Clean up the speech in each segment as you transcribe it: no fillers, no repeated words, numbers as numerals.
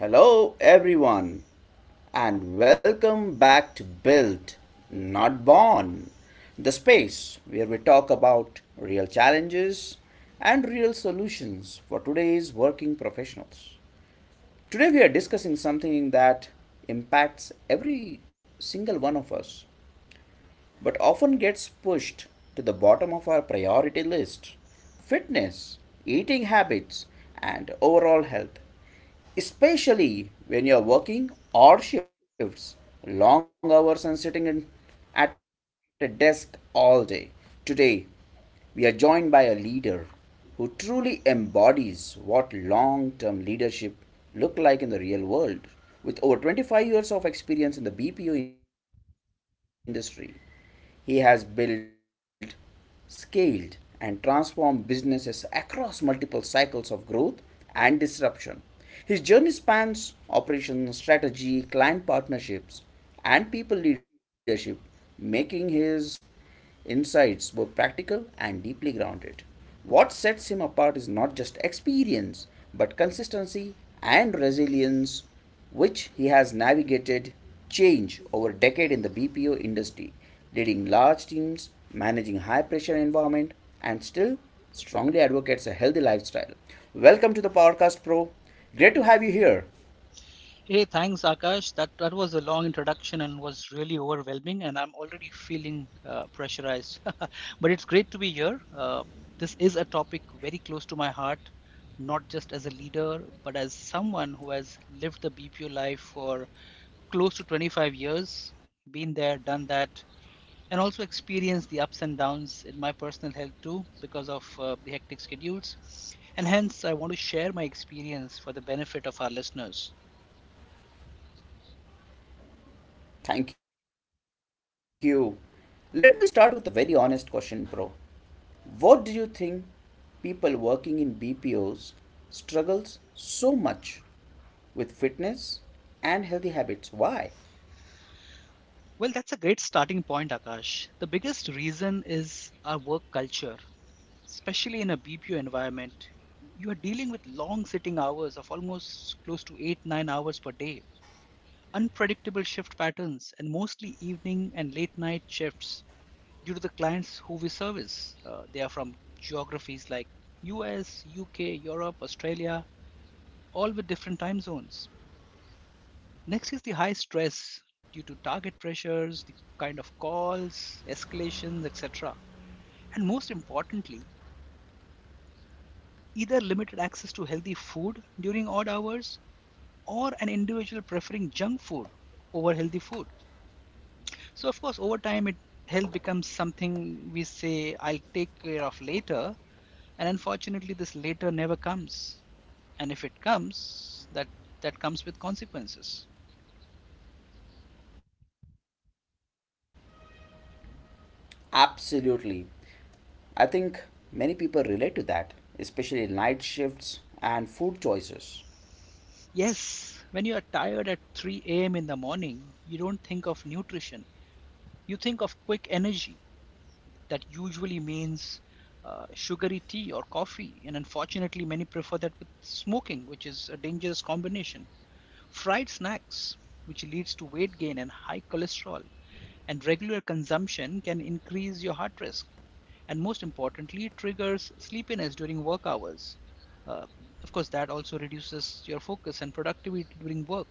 Hello, everyone, and welcome back to Built, Not Born, the space where we talk about real Today, they challenges and real solutions for today's working professionals. Today, we are discussing something that impacts every single one of us, but often gets pushed to the bottom of our priority list: fitness, eating habits, and overall health, especially when you're working odd shifts, long hours, and sitting at a desk all day. Today, we are joined are by a going leader who truly embodies what by. long term leadership look like in the real world, with over 25 years of experience in the BPO industry. He has built, scaled, and transformed businesses across multiple cycles of growth and disruption. His journey spans operations, strategy, client partnerships, and people leadership, making his insights both practical and deeply grounded. What sets him apart is not just experience, but consistency and resilience which he has navigated change over a decade in the Thank you. BPO industry, leading large teams, managing high pressure environment, and still strongly advocates a healthy lifestyle. Welcome to the podcast, Pro. Great to have you here. Hey, thanks, Akash. That was a long introduction and was really overwhelming, and I'm already feeling pressurized. But it's great to be here. This is a topic very close to my heart, not just as a leader, but as someone who has lived the BPO life for close to 25 years, been there, done that, and also experienced the ups and downs in my personal health too because of the hectic schedules. And hence, I want to share my experience for the benefit of our listeners. Thank you. Let me start with a very honest question, Pro. What do you think people working in BPOs struggles so much with fitness and healthy habits? Why? Well, that's a great starting point, Akash. The biggest reason is our work culture, especially in a BPO environment. You are dealing with long sitting hours of almost close to 8, 9 hours per day, unpredictable shift patterns, and mostly evening and late night shifts due to the clients who we service. They are from geographies like US, UK, Europe, Australia, all with different time zones. Next is the high stress due to target pressures, the kind of calls, escalations, etc. And most importantly, either limited access to healthy food during odd hours or an individual preferring junk food over healthy food. So, of course, over time, it health becomes something we say, I'll take care of later, and unfortunately this later never comes, and if it comes, that comes with consequences. Absolutely. I think many people relate to that, especially night shifts and food choices. Yes, when you are tired at 3 a.m. in the morning, you don't think of nutrition, you think of quick energy that usually means sugary tea or coffee, and unfortunately many prefer that with smoking, which is a dangerous combination. Fried snacks, which leads to weight gain and high cholesterol, and regular consumption can increase your heart risk, and most importantly, it triggers sleepiness during work hours. Uh, of course, that also reduces your focus and productivity during work.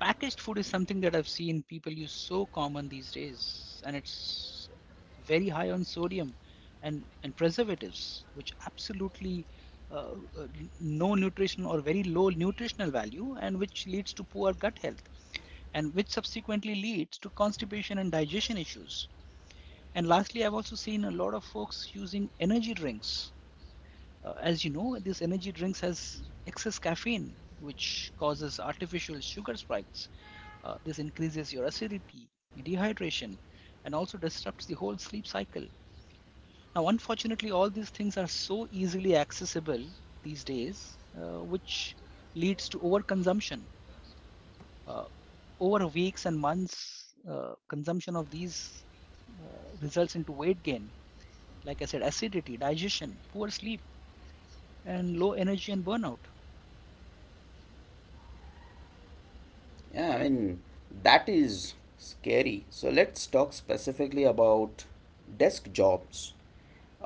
Packaged food is something that I've seen people use so common these days, and it's very high on sodium and preservatives, which absolutely uh, uh, no nutrition or very low nutritional value, and which leads to poor gut health, and which subsequently leads to constipation and digestion issues. And lastly, I've also seen a lot of folks using energy drinks. As you know, these energy drinks has excess caffeine, which causes artificial sugar spikes. This increases your acidity, dehydration, and also disrupts the whole sleep cycle. Now, unfortunately, all these things are so easily accessible these days, which leads to overconsumption. Uh, over weeks and months, consumption of these results into weight gain, like I said, acidity, digestion, poor sleep, and low energy and burnout. Yeah, I mean, that is scary. So let's talk specifically about desk jobs.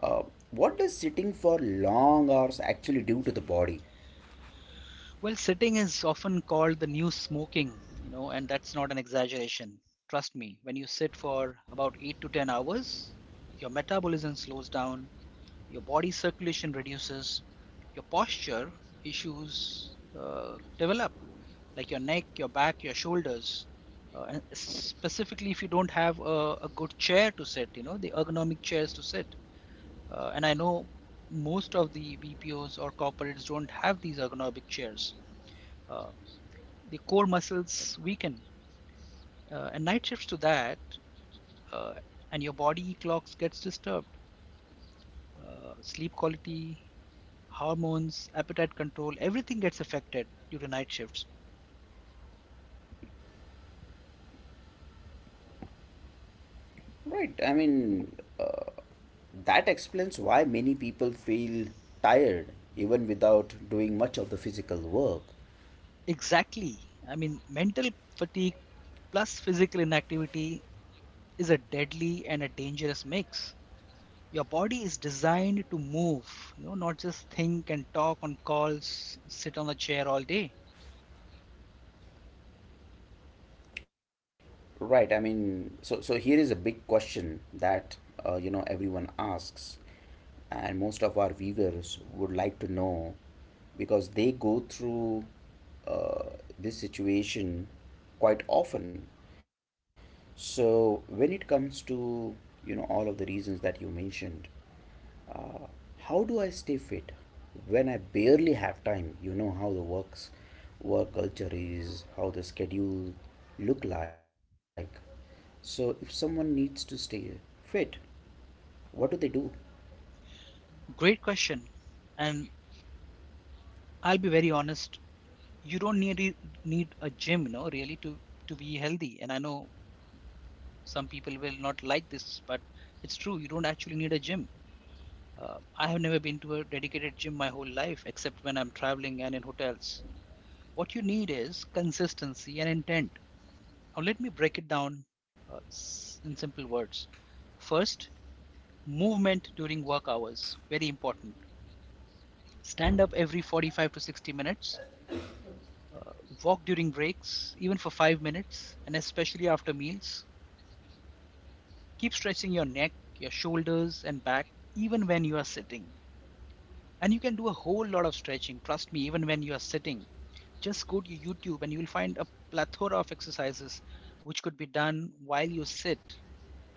Uh, what does sitting for long hours actually do to the body? Well, sitting is often called the new smoking, you know, and that's not an exaggeration. Trust me, when you sit for about 8 to 10 hours, your metabolism slows down, your body circulation reduces, your posture issues develop, like your neck, your back, your shoulders. And specifically, if you don't have a good chair to sit, you know, the ergonomic chairs to sit. And I know most of the BPOs or corporates don't have these ergonomic chairs. Uh, the core muscles weaken, and night shifts to that, uh, and your body clocks gets disturbed. Sleep quality, hormones, appetite control, everything gets affected due to night shifts. Right, I mean, uh, that explains why many people feel tired even without doing much of the physical work. Exactly. I mean, mental fatigue plus physical inactivity is a deadly and a dangerous mix. Your body is designed to move, you know, not just think and talk on calls, sit on a chair all day. Right. I mean, so here is a big question that everyone asks, and most of our viewers would like to know because they go through uh, this situation quite often. So when it comes to all of the reasons that you mentioned, how do I stay fit when I barely have time? You know how the work culture is, how the schedule look like. So if someone needs to stay fit, what do they do? Great question. And I'll be very honest, you don't need a gym, you know, really to be healthy. And I know some people will not like this, but it's true. You don't actually need a gym. I have never been to a dedicated gym my whole life, except when I'm traveling and in hotels. What you need is consistency and intent. Now, let me break it down uh, in simple words. First, movement during work hours very important. Stand up every 45 to 60 minutes, uh, walk during breaks even for 5 minutes and especially after meals. Keep stretching your neck, your shoulders and back, even when you are sitting, and you can do a whole lot of stretching, trust me, even when you are sitting. Just go to youtube and you will find a plethora of exercises which could be done while you sit,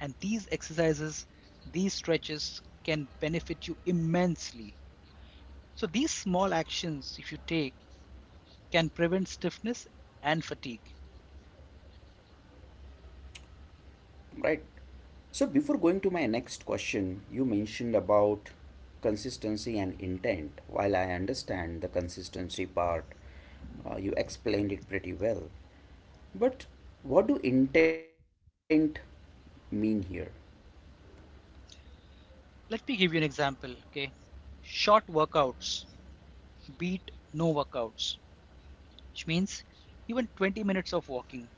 and these exercises, these stretches can benefit you immensely. So these small actions, if you take, can prevent stiffness and fatigue. Right. So before going to my next question, you mentioned about consistency and intent. While I understand the consistency part, you explained it pretty well. But what do intent mean here? Let me give you an example. Okay. Short workouts beat no workouts, which means even 20 minutes of walking,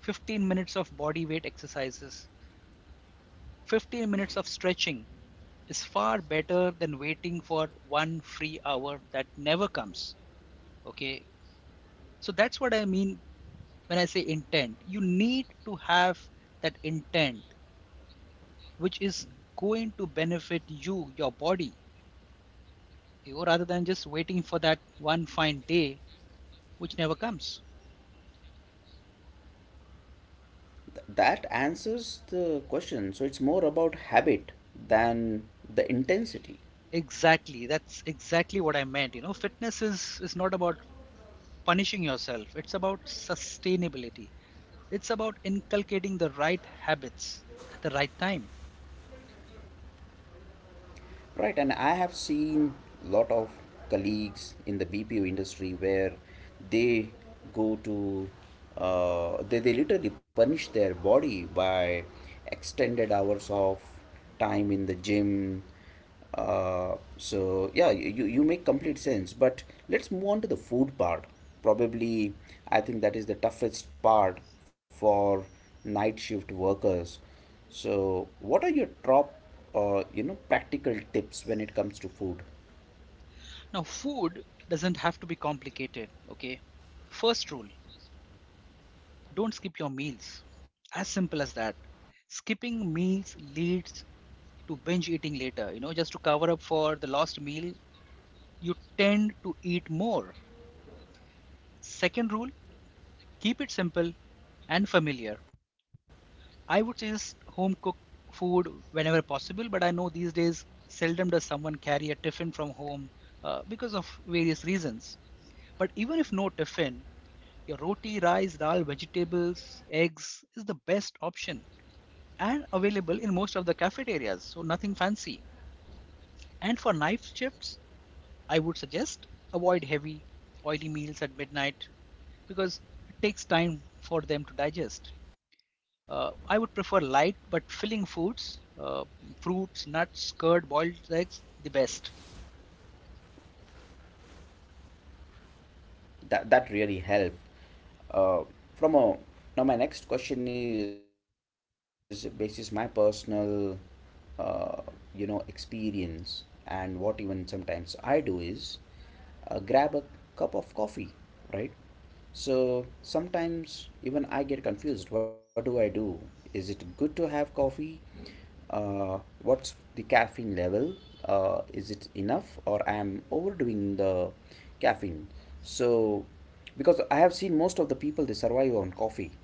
15 minutes of body weight exercises, 15 minutes of stretching is far better than waiting for one free hour that never comes. Okay. So that's what I mean when I say intent. You need to have that intent which is going to benefit you, your body, rather than just waiting for that one fine day, which never comes. That answers the question. So it's more about habit than the intensity, Exactly. That's exactly what I meant. You know, fitness is not about punishing yourself, it's about sustainability. It's about inculcating the right habits at the right time. right? And I have seen lot of colleagues in the BPO industry where they go to they literally punish their body by extended hours of time in the gym. So yeah, you make complete sense. But let's move on to the food part. Probably, I think that is the toughest part for night shift workers. So, what are your top, practical tips when it comes to food? Now, food doesn't have to be complicated, okay? First rule, don't skip your meals. As simple as that. Skipping meals leads to binge eating later, you know, just to cover up for the lost meal, you tend to eat more. Second rule, keep it simple and familiar. I would suggest home cooked food whenever possible, but I know these days seldom does someone carry a tiffin from home, because of various reasons. But even if no tiffin, your roti, rice, dal, vegetables, eggs is the best option and available in most of the cafeterias, so nothing fancy. And for night shifts, I would suggest avoid heavy, oily meals at midnight because it takes time for them to digest. I would prefer light but filling foods, fruits, nuts, curd, boiled eggs, the best. That that really helped. Uh, from a now, my next question is basis my personal uh, experience and what even sometimes I do is grab a cup of coffee, right? So sometimes even I get confused. What do I do? Is it good to have coffee? Uh, what's the caffeine level? Is it enough, or I am overdoing the caffeine? So, because I have seen most of the people they survive on coffee,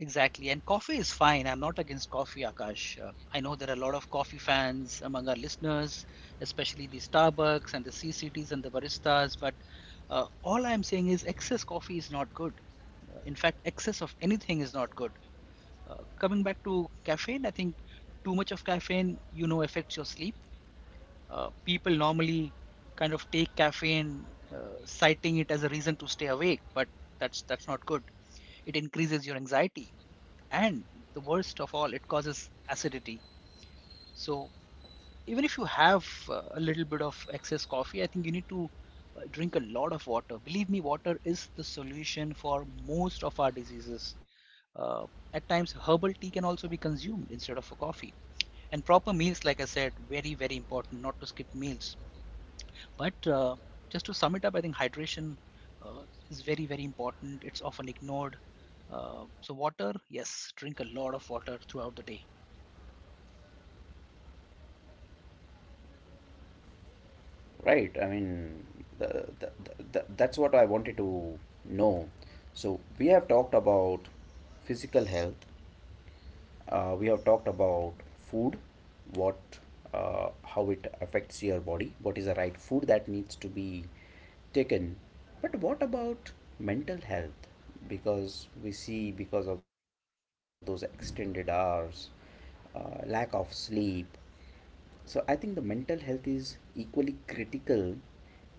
Exactly. And coffee is fine. I'm not against coffee, Akash. I know there are a lot of coffee fans among our listeners, especially the Starbucks and the C CCTs and the baristas. But all I'm saying is excess coffee is not good. In fact, excess of anything is not good. Coming back to caffeine, I think too much of caffeine, you know, affects your sleep. People normally kind of take caffeine, citing it as a reason to stay awake, but that's not good. It increases your anxiety, and the worst of all, it causes acidity. So even if you have a little bit of excess coffee, I think you need to drink a lot of water. Believe me, water is the solution for most of our diseases. Uh, at times, herbal tea can also be consumed instead of a coffee. And proper meals, like I said, very, very important not to skip meals. But just to sum it up, I think hydration uh, is very, very important. It's often ignored. So, water, yes, drink a lot of water throughout the day. right? I mean, that's what I wanted to know. So we have talked about physical health. We have talked about food, what, how it affects your body, what is the right food that needs to be taken. But what about mental health? Because we see, because of those extended hours, lack of sleep. So I think the mental health is equally critical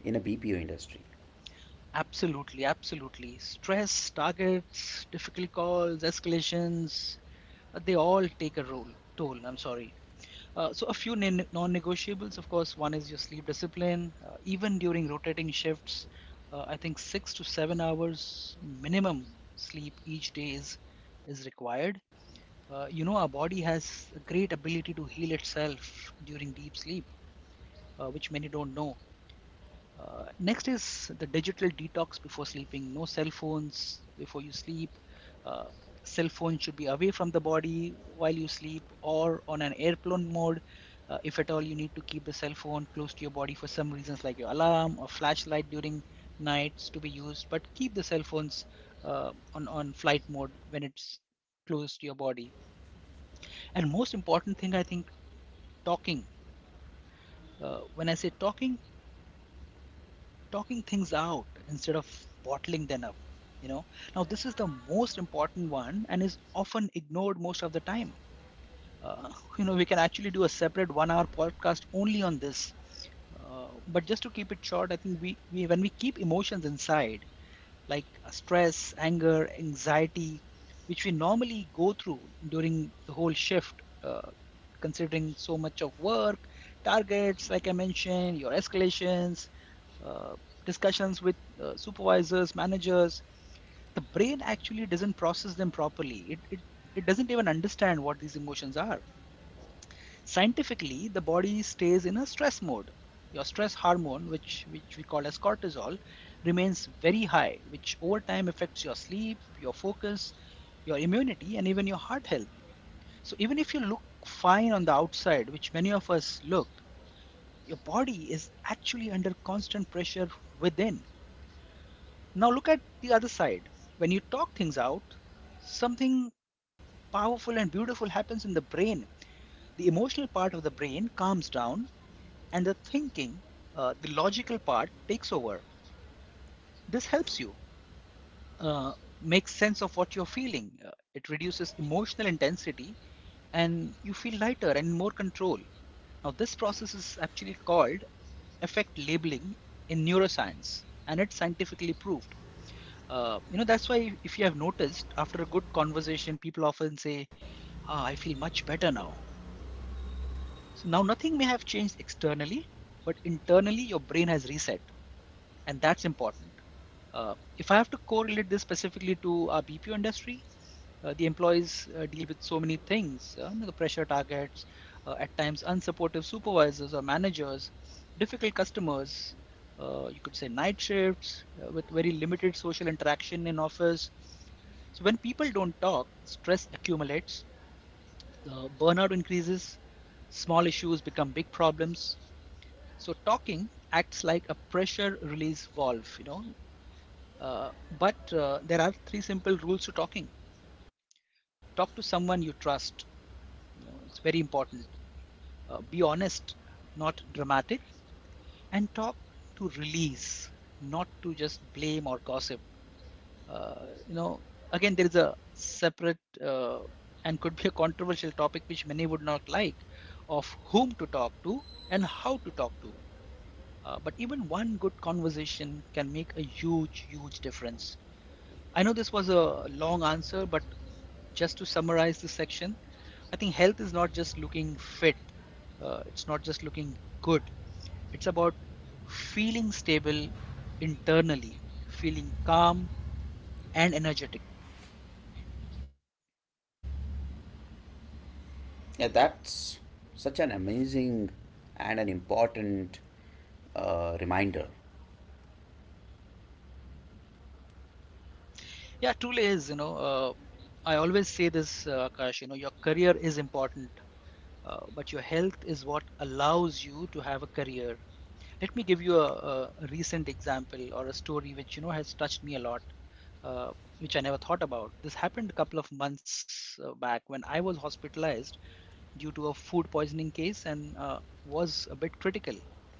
in a BPO industry. Absolutely, absolutely. Stress, targets, difficult calls, escalations, they all take a role, toll. I'm sorry. So a few non- negotiables, of course, one is your sleep discipline. Even during rotating shifts, I think 6 to 7 hours minimum sleep each day is required. You know, our body has a great ability to heal itself during deep sleep, which many don't know. Next is the digital detox before sleeping. No cell phones before you sleep. Uh, cell phone should be away from the body while you sleep or on an airplane mode. If at all you need to keep the cell phone close to your body for some reasons like your alarm or flashlight during nights to be used, but keep the cell phones on flight mode when it's close to your body. And most important thing, I think, talking. When I say talking, talking things out instead of bottling them up, you know, now this is the most important one and is often ignored most of the time. uh, you know we can actually do a separate 1 hour podcast only on this, but just to keep it short, I think we when we keep emotions inside, like stress, anger, anxiety, which we normally go through during the whole shift, considering so much of work, targets like I mentioned, your escalations, uh, discussions with supervisors, managers, the brain actually doesn't process them properly. It doesn't even understand what these emotions are. Scientifically, the body stays in a stress mode. Your stress hormone, which we call as cortisol, remains very high, which over time affects your sleep, your focus, your immunity, and even your heart health. So, even if you look fine on the outside, which many of us look, your body is actually under constant pressure within. Now look at the other side. When you talk things out, something powerful and beautiful happens in the brain. The emotional part of the brain calms down, and the thinking, the logical part, takes over. This helps you uh, make sense of what you're feeling. It reduces emotional intensity, and you feel lighter and more control. Now, this process is actually called effect labeling in neuroscience, and it's scientifically proved. That's why, if you have noticed, after a good conversation, people often say, "Ah, I feel much better now." So now nothing may have changed externally, but internally your brain has reset, and that's important. If I have to correlate this specifically to our BPO industry, the employees deal with so many things, the pressure, targets, at times unsupportive supervisors or managers, difficult customers, you could say night shifts with very limited social interaction in office. So when people don't talk, stress accumulates, the burnout increases, small issues become big problems. So talking acts like a pressure release valve, you know. But there are three simple rules to talking. Talk to someone you trust. You know, it's very important. Be honest, not dramatic, and talk to release, not to just blame or gossip. Uh, you know, again, there is a separate uh, and could be a controversial topic which many would not like, of whom to talk to and how to talk to. But even one good conversation can make a huge, huge difference. I know this was a long answer, but just to summarize this section, I think health is not just looking fit, it's not just looking good, it's about feeling stable internally, feeling calm and energetic. Yeah, that's such an amazing and an important reminder. Yeah, truly is, you know. I always say this, Akash, you know, your career is important, but your health is what allows you to have a career. Let me give you a recent example or a story which, you know, has touched me a lot, uh, which I never thought about. This happened a couple of months back, when I was hospitalized due to a food poisoning case and was a bit critical.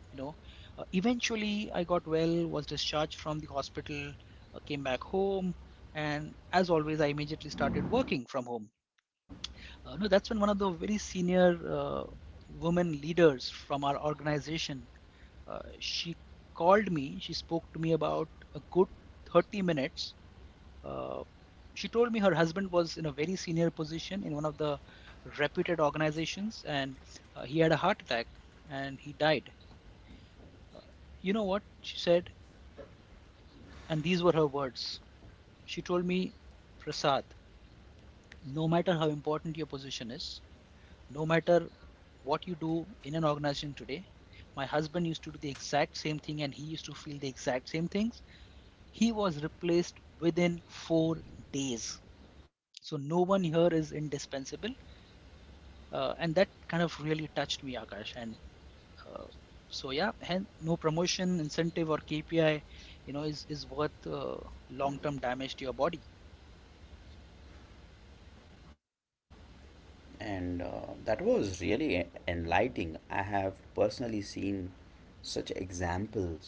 You know, eventually I got well, was discharged from the hospital, came back home, and as always, I immediately started working from home. No, that's when one of the very senior uh, women leaders from our organization, she called me, she spoke to me about a good 30 minutes. Uh, she told me her husband was in a very senior position in one of the reputed organizations, and he had a heart attack and he died. Uh, you know what she said? And these were her words. She told me, "Prasad, no matter how important your position is, no matter what you do in an organization today, my husband used to do the exact same thing and he used to feel the exact same things. He was replaced within 4 days. So no one here is indispensable." And that kind of really touched me, Akash. And uh, so yeah, hen no promotion, incentive, or KPI, you know, is worth long-term damage to your body. And that was really enlightening. I have personally seen such examples.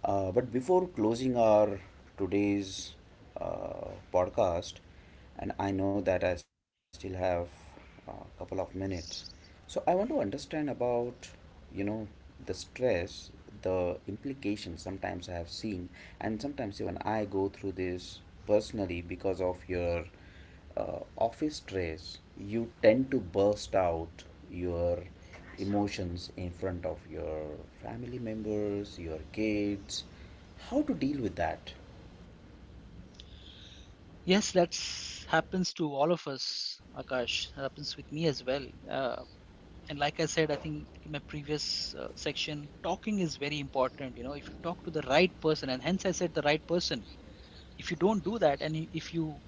But before closing our today's podcast, and I know that I still have a couple of minutes, so I want to understand about you know the stress, the implications. Sometimes I have seen, and sometimes even I go through this personally because of your office stress, you tend to burst out your emotions in front of your family members, your kids. How to deal with that? Yes, that happens to all of us, Akash. That happens with me as well. And like I said, I think in my previous section, talking is very important. You know, if you talk to the right person, and hence I said the right person. If you don't do that, and if you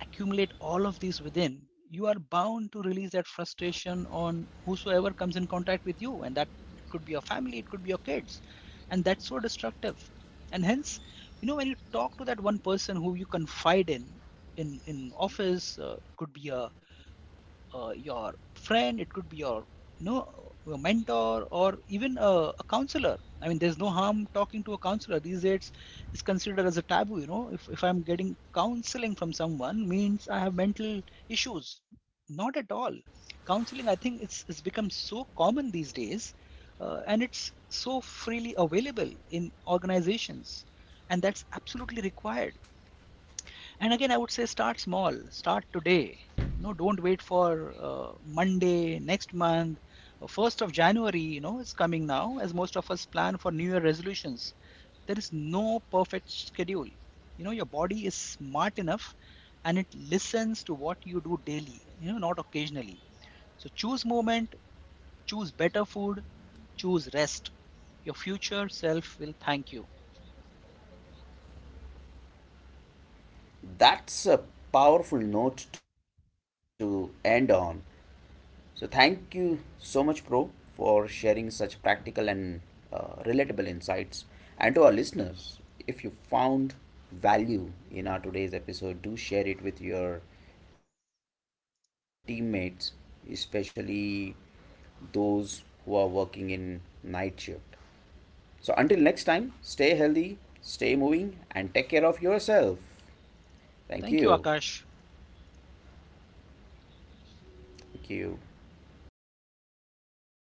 accumulate all of these within, you are bound to release that frustration on whosoever comes in contact with you. And that could be your family, it could be your kids. And that's so destructive. And hence, you know, when you talk to that one person who you confide in, in office, it could be a your friend, it could be your, you know, a mentor or even a counselor. I mean, there's no harm talking to a counselor. These days, it's considered as a taboo. You know, if I'm getting counseling from someone, means I have mental issues. Not at all. Counseling, I think it's become so common these days, and it's so freely available in organizations, and that's absolutely required. And again, I would say start small, start today. No, don't wait for Monday, next month, 1st of January. You know, it's coming now, as most of us plan for New Year resolutions. There is no perfect schedule. You know, your body is smart enough and it listens to what you do daily, you know, not occasionally. So choose movement, choose better food, choose rest. Your future self will thank you. That's a powerful note to end on. So thank you so much, Pro, for sharing such practical and relatable insights. And to our listeners, if you found value in our today's episode, do share it with your teammates, especially those who are working in night shift. So until next time, stay healthy, stay moving, and take care of yourself. Thank you. Thank you, Akash. Thank you.